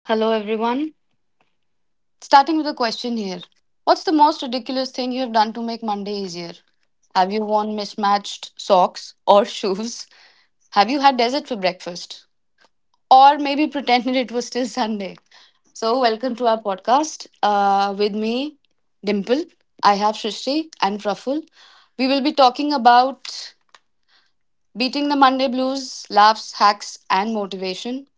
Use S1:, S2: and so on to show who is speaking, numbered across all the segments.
S1: Hello, everyone. Starting with a question here. What's the most ridiculous thing you have done to make Monday easier? Have you worn mismatched socks or shoes? Have you had dessert for breakfast? Or maybe pretended it was still Sunday? Welcome to our podcast, with me, Dimple. I have Shrishti and Praful. We will be talking about beating the Monday blues, laughs, hacks, and motivation.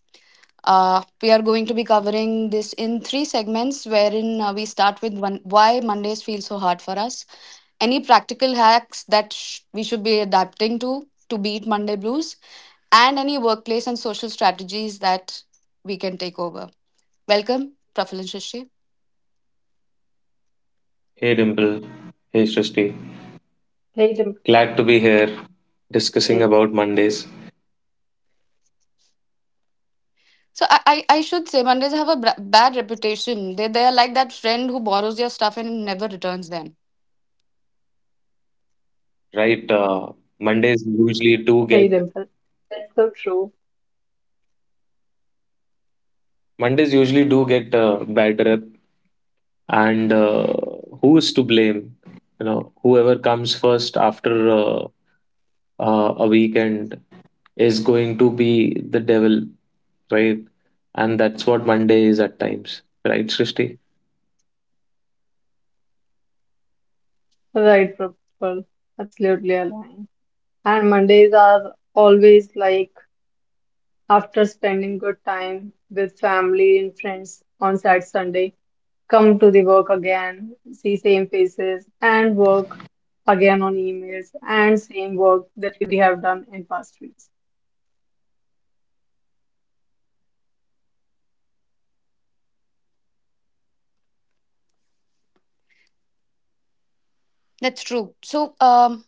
S1: We are going to be covering this in three segments, wherein we start with one, why Mondays feel so hard for us, any practical hacks that we should be adapting to beat Monday blues, and any workplace and social strategies that we can take over. Welcome, Praful and Shashi.
S2: Hey Dimple, hey Srishti. Glad
S3: Hey,
S2: to be
S3: Dimple.
S2: here discussing about
S3: Hey,
S2: Mondays.
S1: So I should say Mondays have a bad reputation. They are like that friend who borrows your stuff and never returns them.
S2: Right. Mondays usually do
S3: hey
S2: get
S3: Dimple. That's so true.
S2: Mondays usually do get a bad rep, and who is to blame? You know, whoever comes first after a weekend is going to be the devil, right? And that's what Monday is at times, right, Srishti?
S3: Right, Prabal. Absolutely aligned. And Mondays are always like after spending good time with family and friends on Saturday, Sunday, come to the work again, see same faces, and work again on emails and same work that we have done in past weeks.
S1: That's true. So,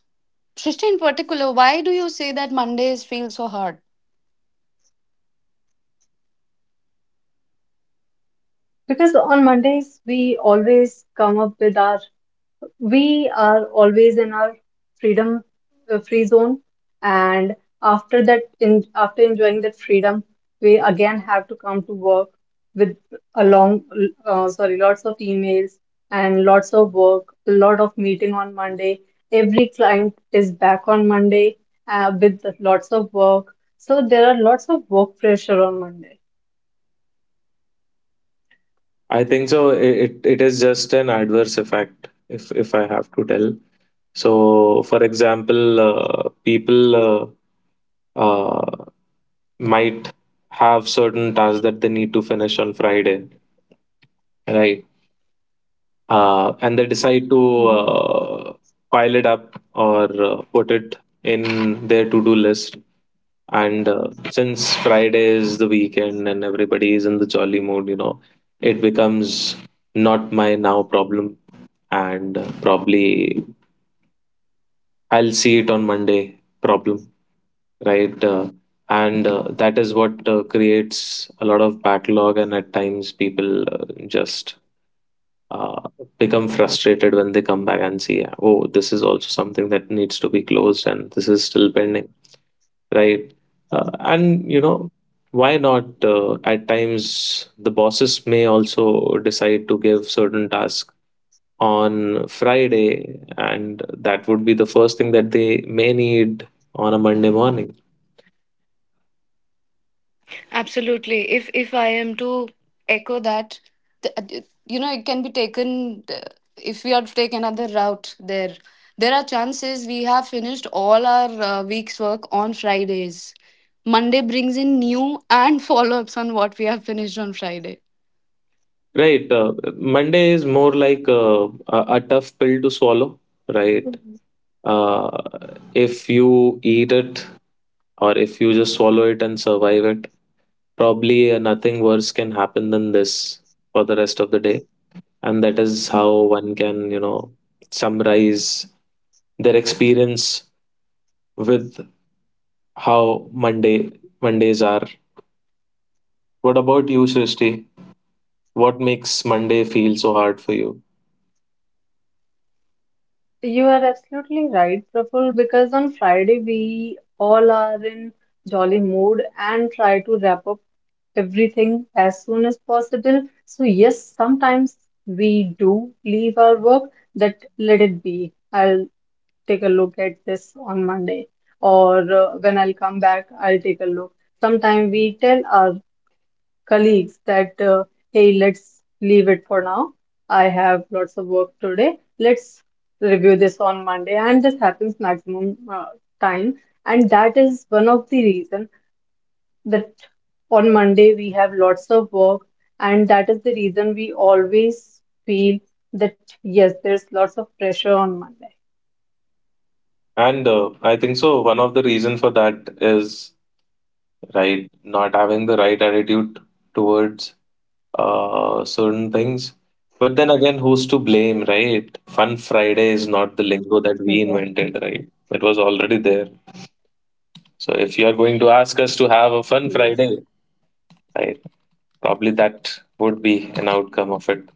S1: Shristi in particular, why do you say that Mondays feel so hard?
S3: Because on Mondays, we are always in our freedom free zone and after enjoying that freedom we again have to come to work with a long sorry lots of emails and lots of work, a lot of meeting on Monday. Every client is back on Monday with lots of work, so there are lots of work pressure on Monday.
S2: I think so. It is just an adverse effect, if I have to tell. So, for example, people uh, might have certain tasks that they need to finish on Friday, right? And they decide to pile it up or put it in their to do list. And since Friday is the weekend and everybody is in the jolly mood, you know, it becomes not my now problem and probably I'll see it on Monday problem, right? And that is what creates a lot of backlog, and at times people just uh, become frustrated when they come back and see, oh, this is also something that needs to be closed, and this is still pending, right? And you know, why not? At times, the bosses may also decide to give certain tasks on Friday, and that would be the first thing that they may need on a Monday morning.
S1: Absolutely. If I am to echo that, you know, it can be taken, if we are to take another route there. There are chances we have finished all our week's work on Fridays. Monday brings in new and follow ups on what we have finished on Friday.
S2: Right. Monday is more like a tough pill to swallow, right? Uh, if you eat it or if you just swallow it and survive it, probably nothing worse can happen than this for the rest of the day. And that is how one can, you know, summarize their experience with how Mondays are. What about you, Srishti? What makes Monday feel so hard for you?
S3: You are absolutely right, Praful, because on Friday we all are in jolly mood and try to wrap up everything as soon as possible. So, yes, sometimes we do leave our work, that let it be. I'll take a look at this on Monday, or when I'll come back, I'll take a look. Sometimes we tell our colleagues that, hey, let's leave it for now. I have lots of work today. Let's review this on Monday. And this happens maximum time. And that is one of the reason that on Monday we have lots of work. And that is the reason we always feel that, yes, there's lots of pressure on Monday.
S2: And I think so. One of the reason for that is, right? Not having the right attitude towards certain things. But then again, who's to blame, right? Fun Friday is not the
S3: Yeah.
S2: lingo that we invented, right? It was already there. So if you are going to ask us to have a
S3: Yes.
S2: Fun Friday, right, probably that would be an outcome of it.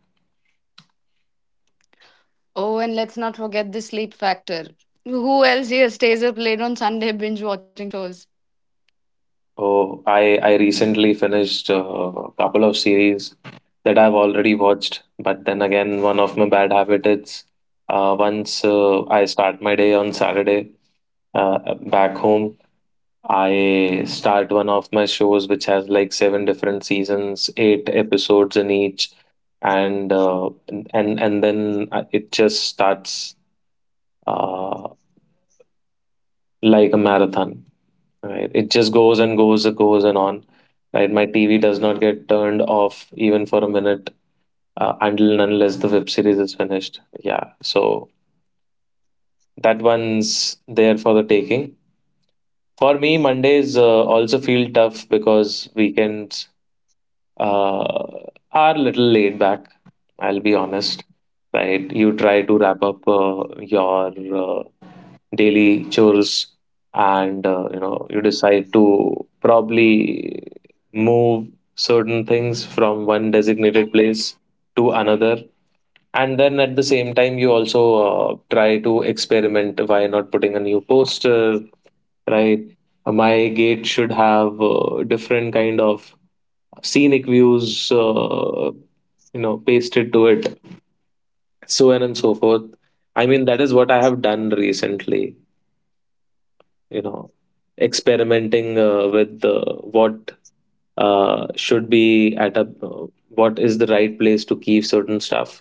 S1: Oh, and let's not forget the sleep factor. Who else here stays up late on Sunday binge watching shows?
S2: Oh, I recently finished a couple of series that I've already watched. But then again, one of my bad habits is, once I start my day on Saturday, uh, back home, I start one of my shows which has like seven different seasons, eight episodes in each, and uh, and then it just starts uh, like a marathon, right? It just goes and goes and goes and on, right? My TV does not get turned off even for a minute until and unless the web series is finished. Yeah, so that one's there for the taking. For me, Mondays also feel tough because weekends uh, are little laid back. I'll be honest, right? You try to wrap up your daily chores and you know you decide to probably move certain things from one designated place to another, and then at the same time you also try to experiment, why not putting a new poster, right? My gate should have different kind of scenic views, uh, you know, pasted to it, so on and so forth. I mean, that is what I have done recently, you know, experimenting with what should be at a, uh, what is the right place to keep certain stuff,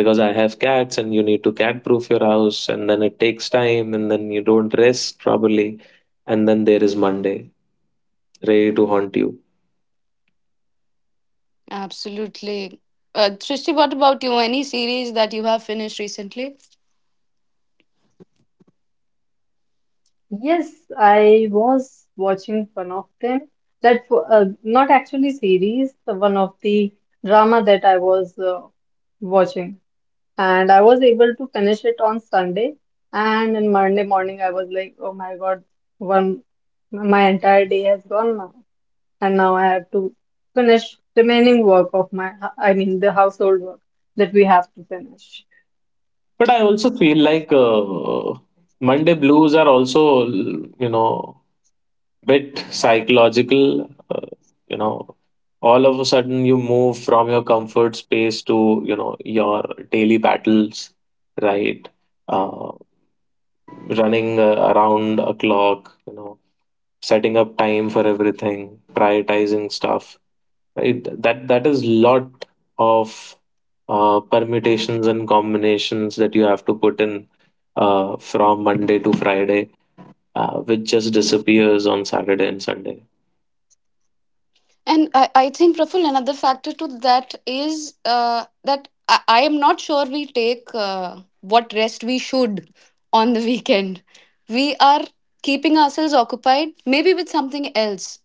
S2: because I have cats and you need to cat proof your house, and then it takes time and then you don't rest probably, and then there is Monday ready to haunt you.
S1: Absolutely. Trishti, what about you? Any series that you have finished recently?
S3: Yes, I was watching one of them. Not actually series, the one of the drama that I was watching, and I was able to finish it on Sunday. And on Monday morning, I was like, "Oh my God, one my entire day has gone now, and now I have to finish remaining work of my, I mean, the household work that we have to finish."
S2: But I also feel like Monday blues are also, you know, bit psychological. Uh, you know, all of a sudden you move from your comfort space to, you know, your daily battles, right? Uh, running around a clock, you know, setting up time for everything, prioritizing stuff, right? That is lot of permutations and combinations that you have to put in from Monday to Friday, which just disappears on Saturday and Sunday,
S1: And I think, Praful, another factor to that is that I am not sure we take what rest we should on the weekend. We are keeping ourselves occupied, maybe with something else.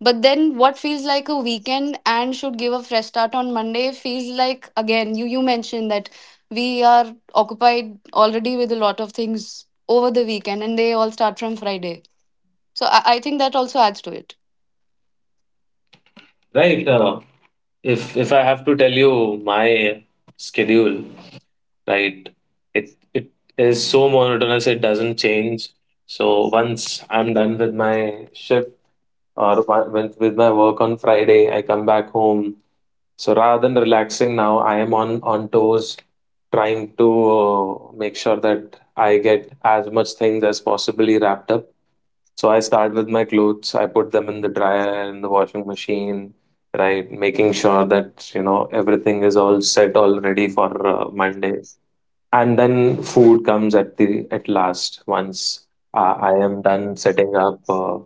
S1: But then what feels like a weekend and should give a fresh start on Monday feels like, again, you mentioned that we are occupied already with a lot of things over the weekend and they all start from Friday. So I think that also adds to it.
S2: right. If I have to tell you my schedule, right, it is so monotonous, it doesn't change. So once I'm done with my shift or with my work on Friday, I come back home. So rather than relaxing now, I am on toes, trying to make sure that I get as much things as possibly wrapped up. So I start with my clothes. I put them in the dryer and the washing machine, right? Making sure that you know everything is all set, all ready for Monday. And then food comes at the at last once I am done setting up,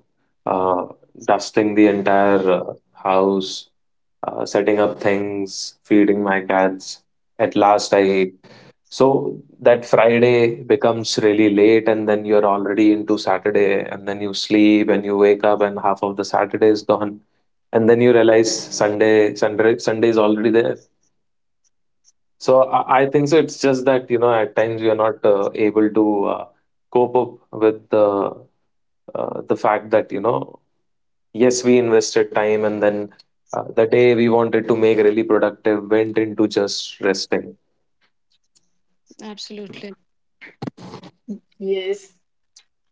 S2: uh, dusting the entire house, setting up things, feeding my cats. At last, I eat. So that Friday becomes really late, and then you're already into Saturday, and then you sleep and you wake up, and half of the Saturday is gone, and then you realize Sunday, Sunday, Sunday is already there. So I think so. It's just that you know at times we are not able to cope up with the fact that, you know, yes, we invested time and then the day we wanted to make really productive went into just resting.
S1: Absolutely.
S3: Yes.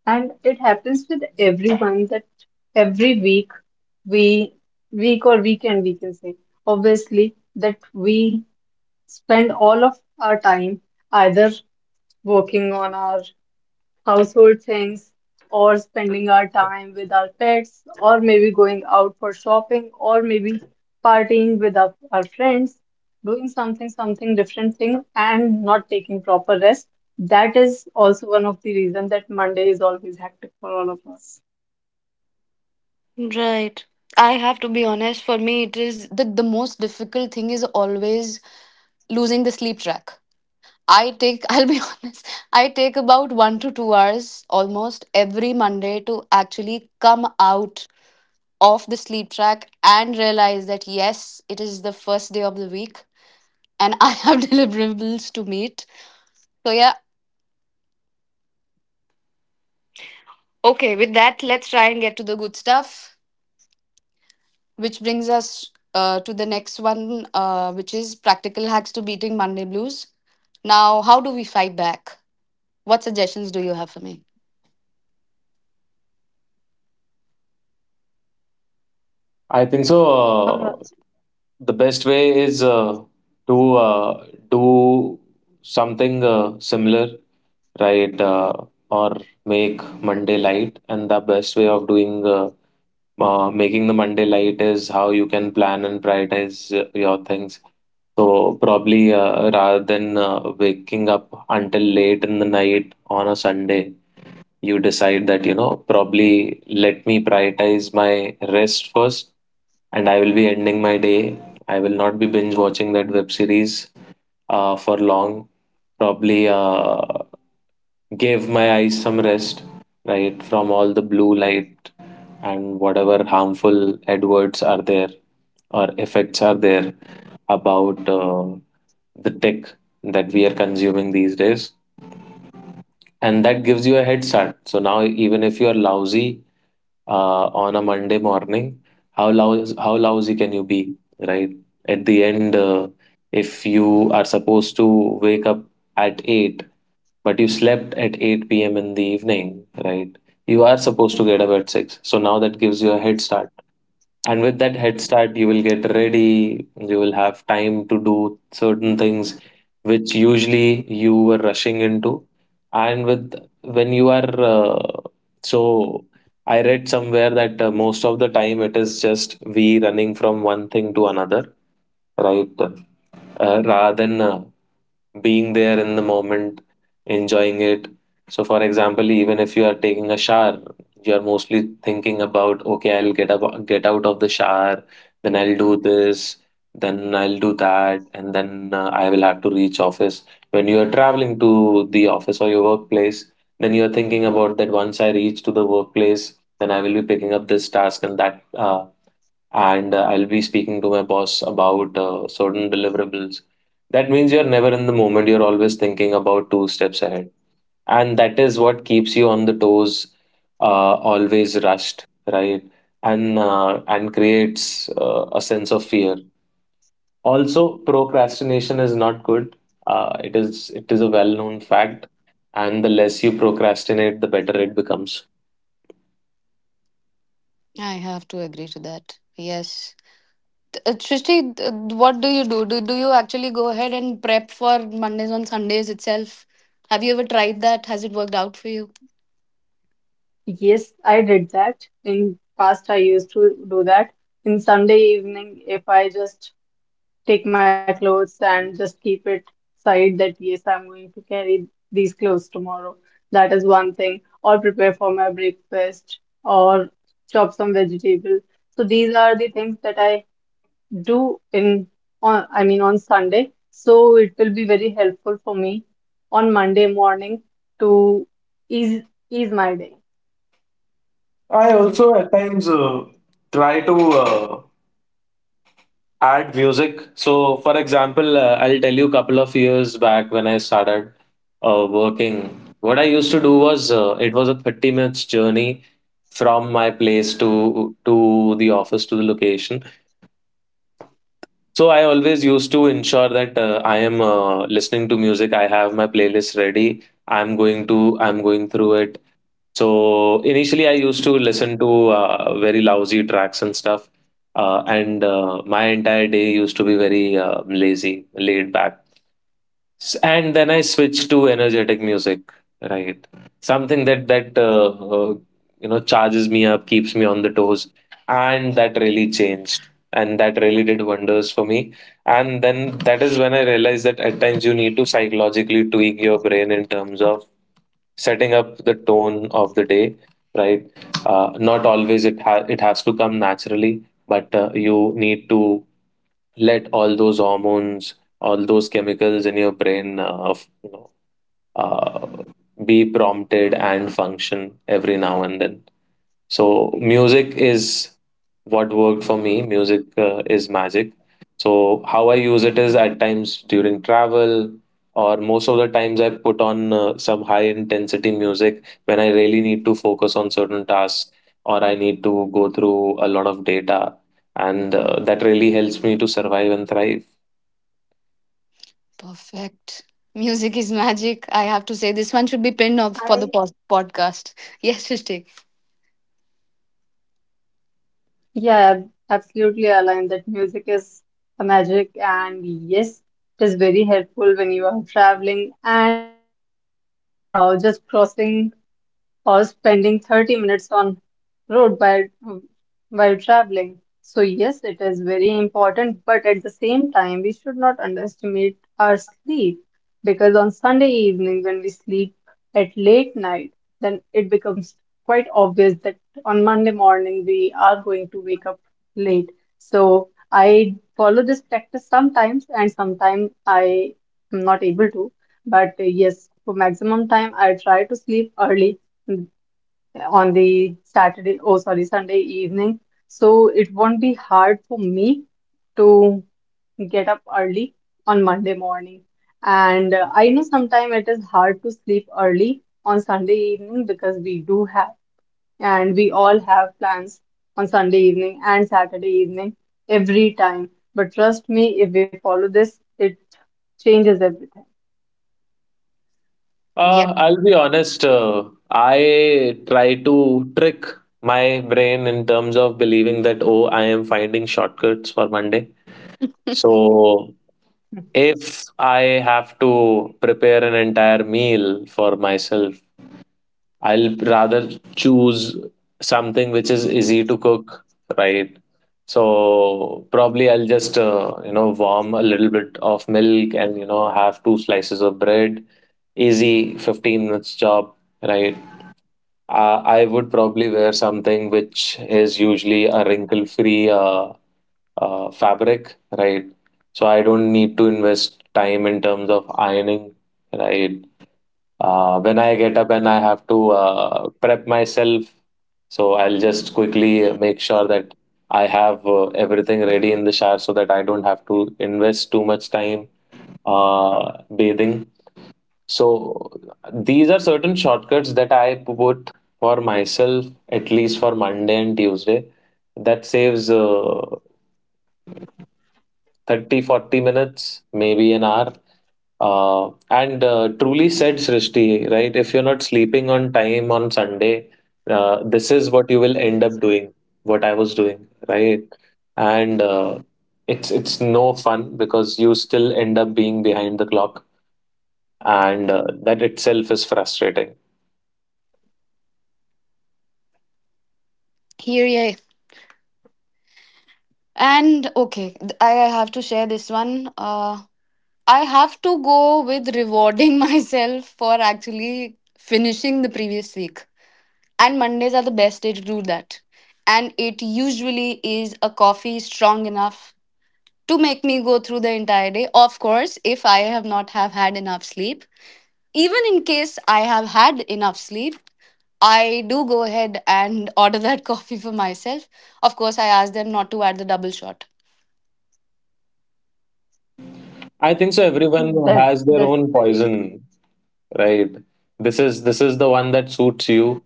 S3: And it happens with everyone that every week we week or weekend we can say obviously that we spend all of our time either working on our household things, or spending our time with our pets, or maybe going out for shopping, or maybe partying with our friends, doing something different thing, and not taking proper rest. That is also one of the reasons that Monday is always hectic for all of us.
S1: Right. I have to be honest, for me, it is the most difficult thing is always losing the sleep track. I take, I'll be honest, I take about 1 to 2 hours almost every Monday to actually come out of the sleep track and realize that yes, it is the first day of the week, and I have deliverables to meet. So, yeah, okay, with that, let's try and get to the good stuff, which brings us to the next one, which is practical hacks to beating Monday blues. Now, how do we fight back? What suggestions do you have for me?
S2: I think so. Uh,
S3: All right.
S2: the best way is to do something similar, right? Or make Monday light, and the best way of doing making the Monday light is how you can plan and prioritize your things. So probably rather than waking up until late in the night on a Sunday, you decide that, you know, probably let me prioritize my rest first, and I will be ending my day. I will not be binge watching that web series for long. Probably gave my eyes some rest, right, from all the blue light and whatever harmful adwords are there or effects are there about the tech that we are consuming these days. And that gives you a head start. So now, even if you are lousy on a Monday morning, how lousy can you be, right? At the end, if you are supposed to wake up at 8, but you slept at 8 p.m. in the evening, right? You are supposed to get up at 6. So now that gives you a head start. And with that head start, you will get ready, you will have time to do certain things which usually you were rushing into. And with when you are, so I read somewhere that most of the time it is just we running from one thing to another, right? Rather than being there in the moment, enjoying it. So, for example, even if you are taking a shower, you are mostly thinking about, okay, I'll get up, get out of the shower, then I'll do this, then I'll do that, and then I will have to reach office. When you are traveling to the office or your workplace, then you are thinking about that once I reach to the workplace, then I will be picking up this task and that. And I'll be speaking to my boss about certain deliverables. That means you're never in the moment, you're always thinking about two steps ahead. And that is what keeps you on the toes, uh, always rushed, right? And creates a sense of fear. Also, procrastination is not good. It is a well-known fact, and the less you procrastinate, the better it becomes.
S1: I have to agree to that. Yes. Srishti, what do you do? Do you actually go ahead and prep for Mondays on Sundays itself? Have you ever tried that? Has it worked out for you?
S3: Yes, I did that. In past, I used to do that. In Sunday evening, if I just take my clothes and just keep it side that yes, I'm going to carry these clothes tomorrow. That is one thing. Or prepare for my breakfast or chop some vegetables. So these are the things that I do in on I mean on Sunday. So it will be very helpful for me on Monday morning to ease ease my day.
S2: I
S1: Mm.
S2: also at times try to add music. So, for example, I'll tell you a couple of years back when I started working, what I used to do was, it was a 30 minute minutes journey from my place to the office, to the location. So I always used to ensure that I am listening to music. I have my playlist ready. I'm going through it. So initially, I used to listen to very lousy tracks and stuff, and my entire day used to be very lazy, laid back. And then I switched to energetic music, right, something that uh, you know, charges me up, keeps me on the toes. And that really changed, and that really did wonders for me. And then that is when I realized that at times you need to psychologically tweak your brain in terms of setting up the tone of the day, right? Uh, not always it has to come naturally, but you need to let all those hormones, all those chemicals in your brain, you know, uh, be prompted and function every now and then. So music is what worked for me. Music is magic. So how I use it is at times during travel, or most of the times I put on some high intensity music when I really need to focus on certain tasks or I need to go through a lot of data, and that really helps me to survive and thrive.
S1: Perfect. Music is magic. I have to say, this one should be pinned off for the podcast. Yes, Srishti.
S3: Yeah, absolutely aligned that music is a magic and yes, it is very helpful when you are traveling and even just crossing or spending 30 minutes on road while traveling. So yes, it is very important, but at the same time, we should not underestimate our sleep because on Sunday evening when we sleep at late night, then it becomes quite obvious that on Monday morning we are going to wake up late. So I follow this practice sometimes and sometimes I am not able to. But yes, for maximum time, I try to sleep early mm, on the Sunday evening. So it won't be hard for me to get up early on Monday morning. And I know sometimes it is hard to sleep early on Sunday evening because we all have plans on Sunday evening and Saturday evening every time. But trust me, if we follow this, it changes everything.
S1: Yep.
S2: I'll be honest. I try to trick my brain in terms of believing that, oh, I am finding shortcuts for Monday. So if I have to prepare an entire meal for myself, I'll rather choose something which is easy to cook, right? So probably I'll just, you know, warm a little bit of milk and, you know, have two slices of bread. Easy 15 minutes job, right? I would probably wear something which is usually a wrinkle-free fabric, right? So I don't need to invest time in terms of ironing, right? When I get up and I have to prep myself, so I'll just quickly make sure that I have everything ready in the shower so that I don't have to invest too much time bathing. So these are certain shortcuts that I put for myself, at least for Monday and Tuesday. That saves 30, 40 minutes, maybe an hour. And truly said, Srishti, right? If you're not sleeping on time on Sunday, this is what you will end up doing, what I was doing, right? And uh, it's no fun because you still end up being behind the clock, and that itself is frustrating.
S1: Here, yeah. And okay, I have to share this one. I have to go with rewarding myself for actually finishing the previous week. And Mondays are the best day to do that. And it usually is a coffee strong enough to make me go through the entire day. Of course, if I have not have had enough sleep, even in case I have had enough sleep, I do go ahead and order that coffee for myself. Of course, I ask them not to add the double shot.
S2: I think so.
S3: That's
S2: Everyone
S3: that's
S2: has their
S3: very
S2: own poison, right? This is the one that suits you,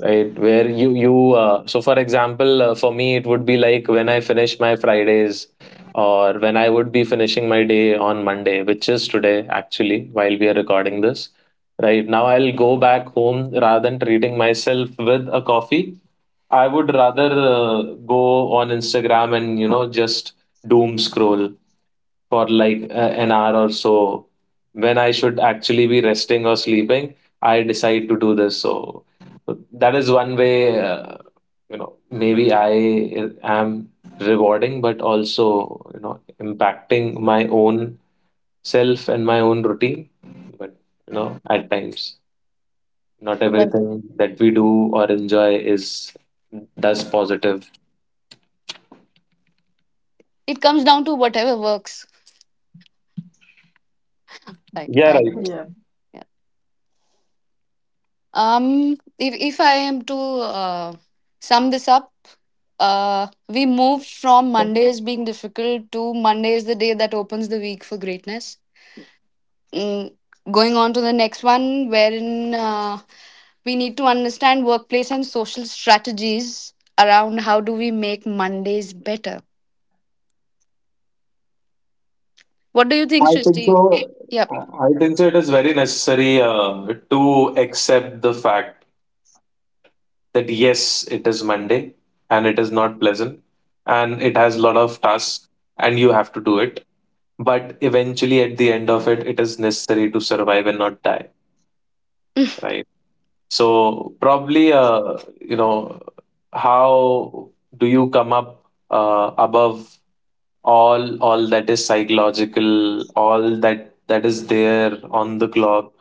S2: right? Where you so for example, for me it would be like when I finish my Fridays, or when I would be finishing my day on Monday, which is today actually, while we are recording this. Right now, I'll go back home rather than treating myself with a coffee. I would rather go on Instagram and, you know, just doom scroll for like an hour or so when I should actually be resting or sleeping. I decide to do this. So that is one way. You know, maybe I am rewarding, but also, you know, impacting my own self and my own routine. But, you know, at times, not everything that we do or enjoy is does positive.
S1: It comes down to whatever works. Right.
S2: Yeah,
S3: yeah.
S2: right.
S1: Yeah. If I am to uh, sum this up, we moved from Mondays being difficult to Monday is the day that opens the week for greatness. Mm, going on to the next one, wherein we need to understand workplace and social strategies around how do we make Mondays better. What do you think,
S2: I think
S1: Shristi?
S2: so.
S1: Yep.
S2: I think so. It is very necessary to accept the fact that yes, it is Monday and it is not pleasant and it has a lot of tasks and you have to do it. But eventually, at the end of it, it is necessary to survive and not die, right? So, probably, you know, how do you come up above all that is psychological, all that that is there on the clock,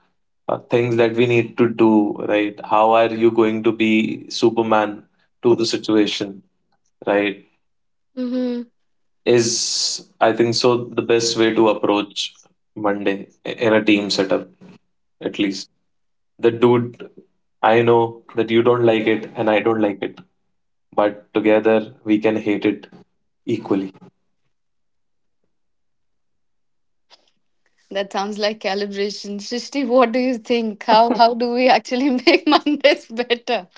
S2: things that we need to do, right? How are you going to be superman to the situation, right?
S1: Mhm.
S2: Is, I think so, the best way to approach Monday in a team setup, at least. The dude, I know that you don't like it and I don't like it, but together we can hate it equally.
S1: That sounds like calibration. Srishti, what do you think? How do we actually make Mondays better?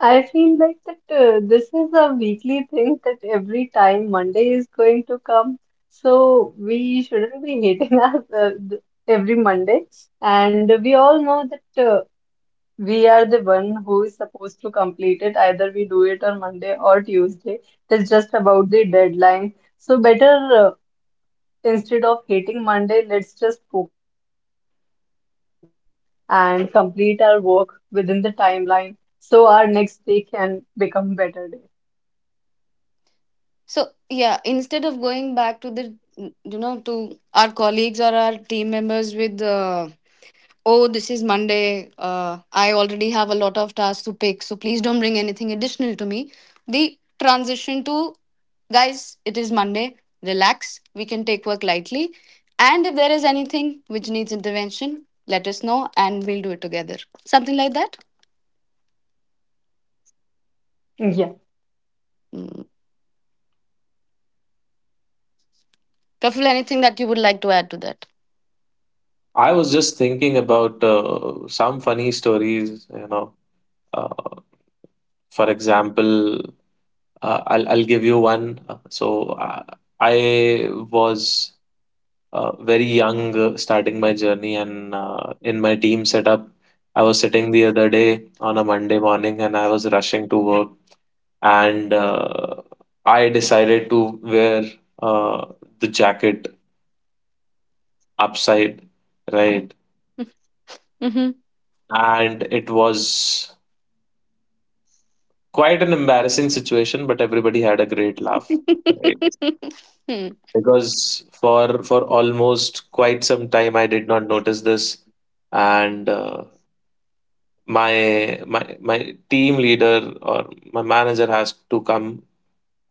S3: I feel like that this is a weekly thing that every time Monday is going to come, so we shouldn't be hating every Monday. And we all know that we are the one who is supposed to complete it. Either we do it on Monday or Tuesday. That's just about the deadline. So better Instead of hating Monday, let's just focus on work and complete our work within the timeline so our next day can become better day.
S1: So yeah, instead of going back to the to our colleagues or our team members with, oh, this is Monday. I already have a lot of tasks to pick, so please don't bring anything additional to me. The transition to, guys, it is Monday. Relax. We can take work lightly. And if there is anything which needs intervention, let us know and we'll do it together. Something like that.
S3: Yeah,
S1: Mm. Kafil, anything that you would like to add to that?
S2: I was just thinking about some funny stories, you know. Uh, for example, I'll give you one. I was very young, starting my journey, and in my team setup, I was sitting the other day on a Monday morning, and I was rushing to work, and I decided to wear uh, the jacket upside, right?
S1: Mm-hmm.
S2: And it was quite an embarrassing situation, but everybody had a great laugh, right?
S1: Hmm.
S2: Because for almost quite some time I did not notice this, and uh, my team leader or my manager has to come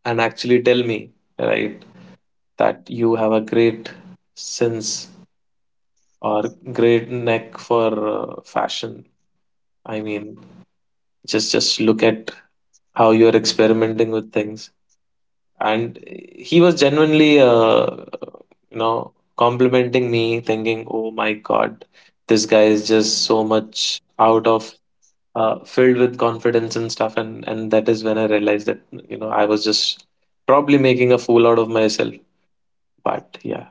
S2: and actually tell me, right, that you have a great sense or great knack for fashion. I mean, just look at how you are experimenting with things. And he was genuinely you know, complimenting me, thinking, oh my God, this guy is just so much out of filled with confidence and stuff. And that is when I realized that, you know, I was just probably making a fool out of myself. But yeah,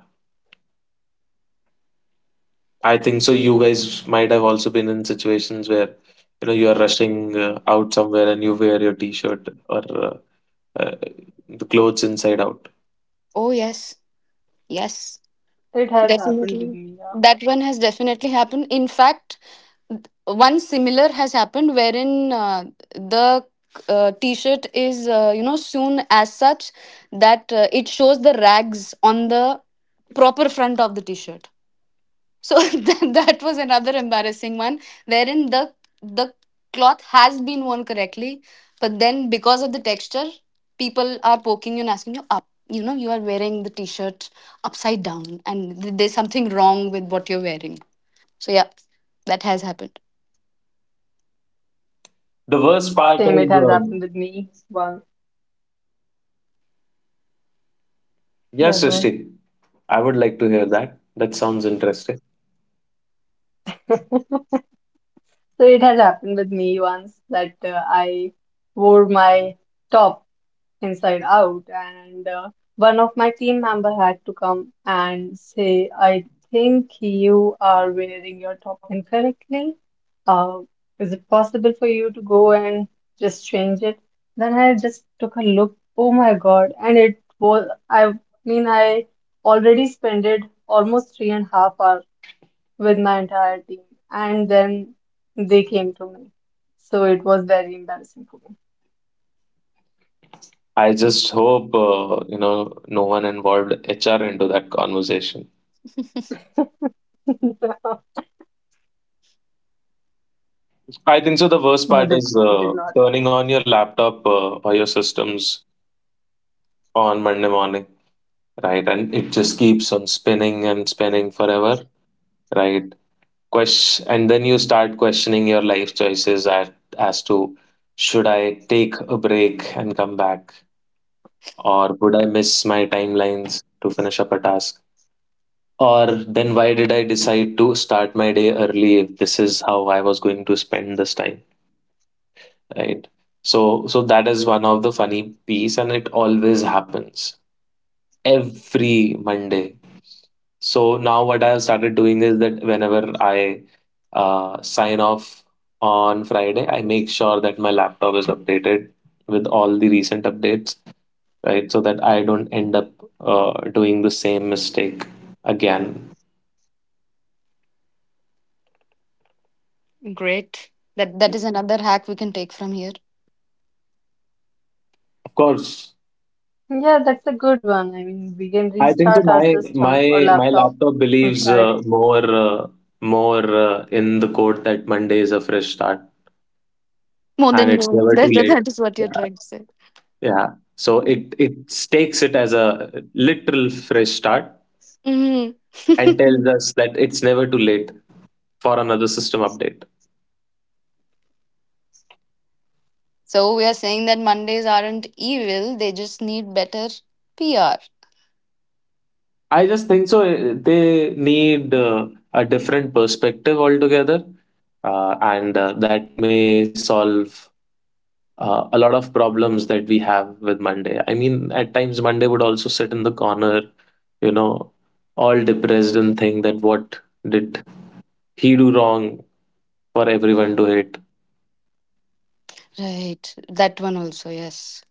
S2: I think so. You guys might have also been in situations where, you know, you are rushing out somewhere and you wear your t-shirt or uh, the clothes inside out.
S1: Oh, yes. Yes.
S3: it has happened
S1: Definitely.
S3: with me. Yeah.
S1: That one has definitely happened. In fact, one similar has happened wherein the t-shirt is, you know, sewn as such that it shows the rags on the proper front of the t-shirt, so that was another embarrassing one wherein the cloth has been worn correctly, but then because of the texture people are poking you and asking you up, you know, you are wearing the t-shirt upside down, and there's something wrong with what you're wearing. So yeah, that has happened.
S2: The worst
S3: Same, it
S2: part
S3: has
S2: is,
S3: happened with me once. Yeah, go ahead.
S2: yes, Srishti, I would like to hear that. That sounds interesting.
S3: So it has happened with me once that I wore my top inside out, and one of my team member had to come and say, I think you are wearing your top incorrectly. uh, is it possible for you to go and just change it? Then I just took a look, oh my God, and it was, I mean, I already spent almost 3.5 hours with my entire team, and then they came to me, so it was very embarrassing for
S2: I just hope you know no one involved HR into that conversation.
S3: me.
S2: I think so. The worst part
S3: No,
S2: is
S3: they did not.
S2: turning on your laptop or your systems on Monday morning, right? And it just keeps on spinning and spinning forever, right? And then you start questioning your life choices, at, as to should I take a break and come back, or would I miss my timelines to finish up a task? Or then why did I decide to start my day early if this is how I was going to spend this time, right? So that is one of the funny piece and it always happens every Monday. So now what I have started doing is that whenever I sign off on Friday, I make sure that my laptop is updated with all the recent updates, right? So that I don't end up doing the same mistake again.
S1: Great. That is another hack we can take from here.
S2: Of course,
S3: Yeah, that's a good one. I mean, we can
S2: I think so.
S3: restart our
S2: My my
S3: system or
S2: my
S3: laptop
S2: laptop
S3: on
S2: believes uh,
S3: Friday.
S2: more uh, more uh, in the quote that Monday is a fresh start
S1: More
S2: and
S1: than
S2: it's
S1: you.
S2: never too
S1: That that,
S2: late.
S1: that is what you're
S2: Yeah,
S1: trying to say.
S2: yeah. So it takes it as a literal fresh start
S1: Hmm.
S2: and tells us that it's never too late for another system update.
S1: So we are saying that Mondays aren't evil, they just need better PR.
S2: I just think so. They need a different perspective altogether, and that may solve a lot of problems that we have with Monday. I mean, at times Monday would also sit in the corner, you know, all depressed and think that what did he do wrong for everyone to hate.
S1: Right. That one also, yes.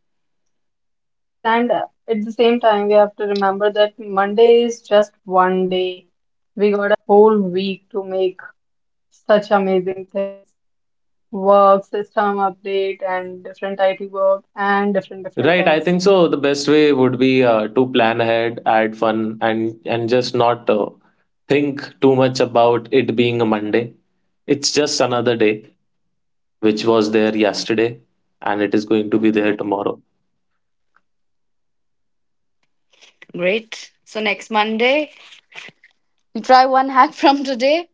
S3: Yes. Yes, and at the same time, we have to remember that Monday is just one day. We got a whole week to make such amazing things. Work, system update, and different IT work, and different
S2: Right, I
S3: things.
S2: think so. The best way would be to plan ahead, add fun, and just not think too much about it being a Monday. It's just another day, which was there yesterday, and it is going to be there tomorrow.
S1: Great. So next Monday, we try one hack from today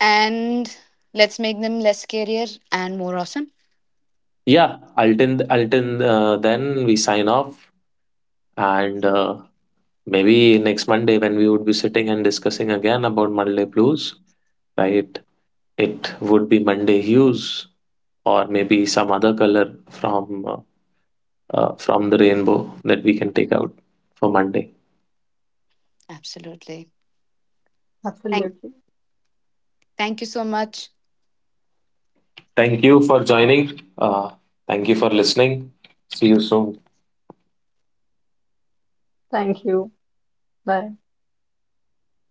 S1: and let's make them less scarier and more awesome.
S2: Yeah, until then, we sign off. And maybe next Monday, when we would be sitting and discussing again about Monday blues, right? It would be Monday hues, or maybe some other color from the rainbow that we can take out for Monday.
S1: Absolutely. Thank
S3: Absolutely.
S1: thank you so much.
S2: Thank you for joining. Thank you for listening. See you soon.
S3: Thank you. Bye.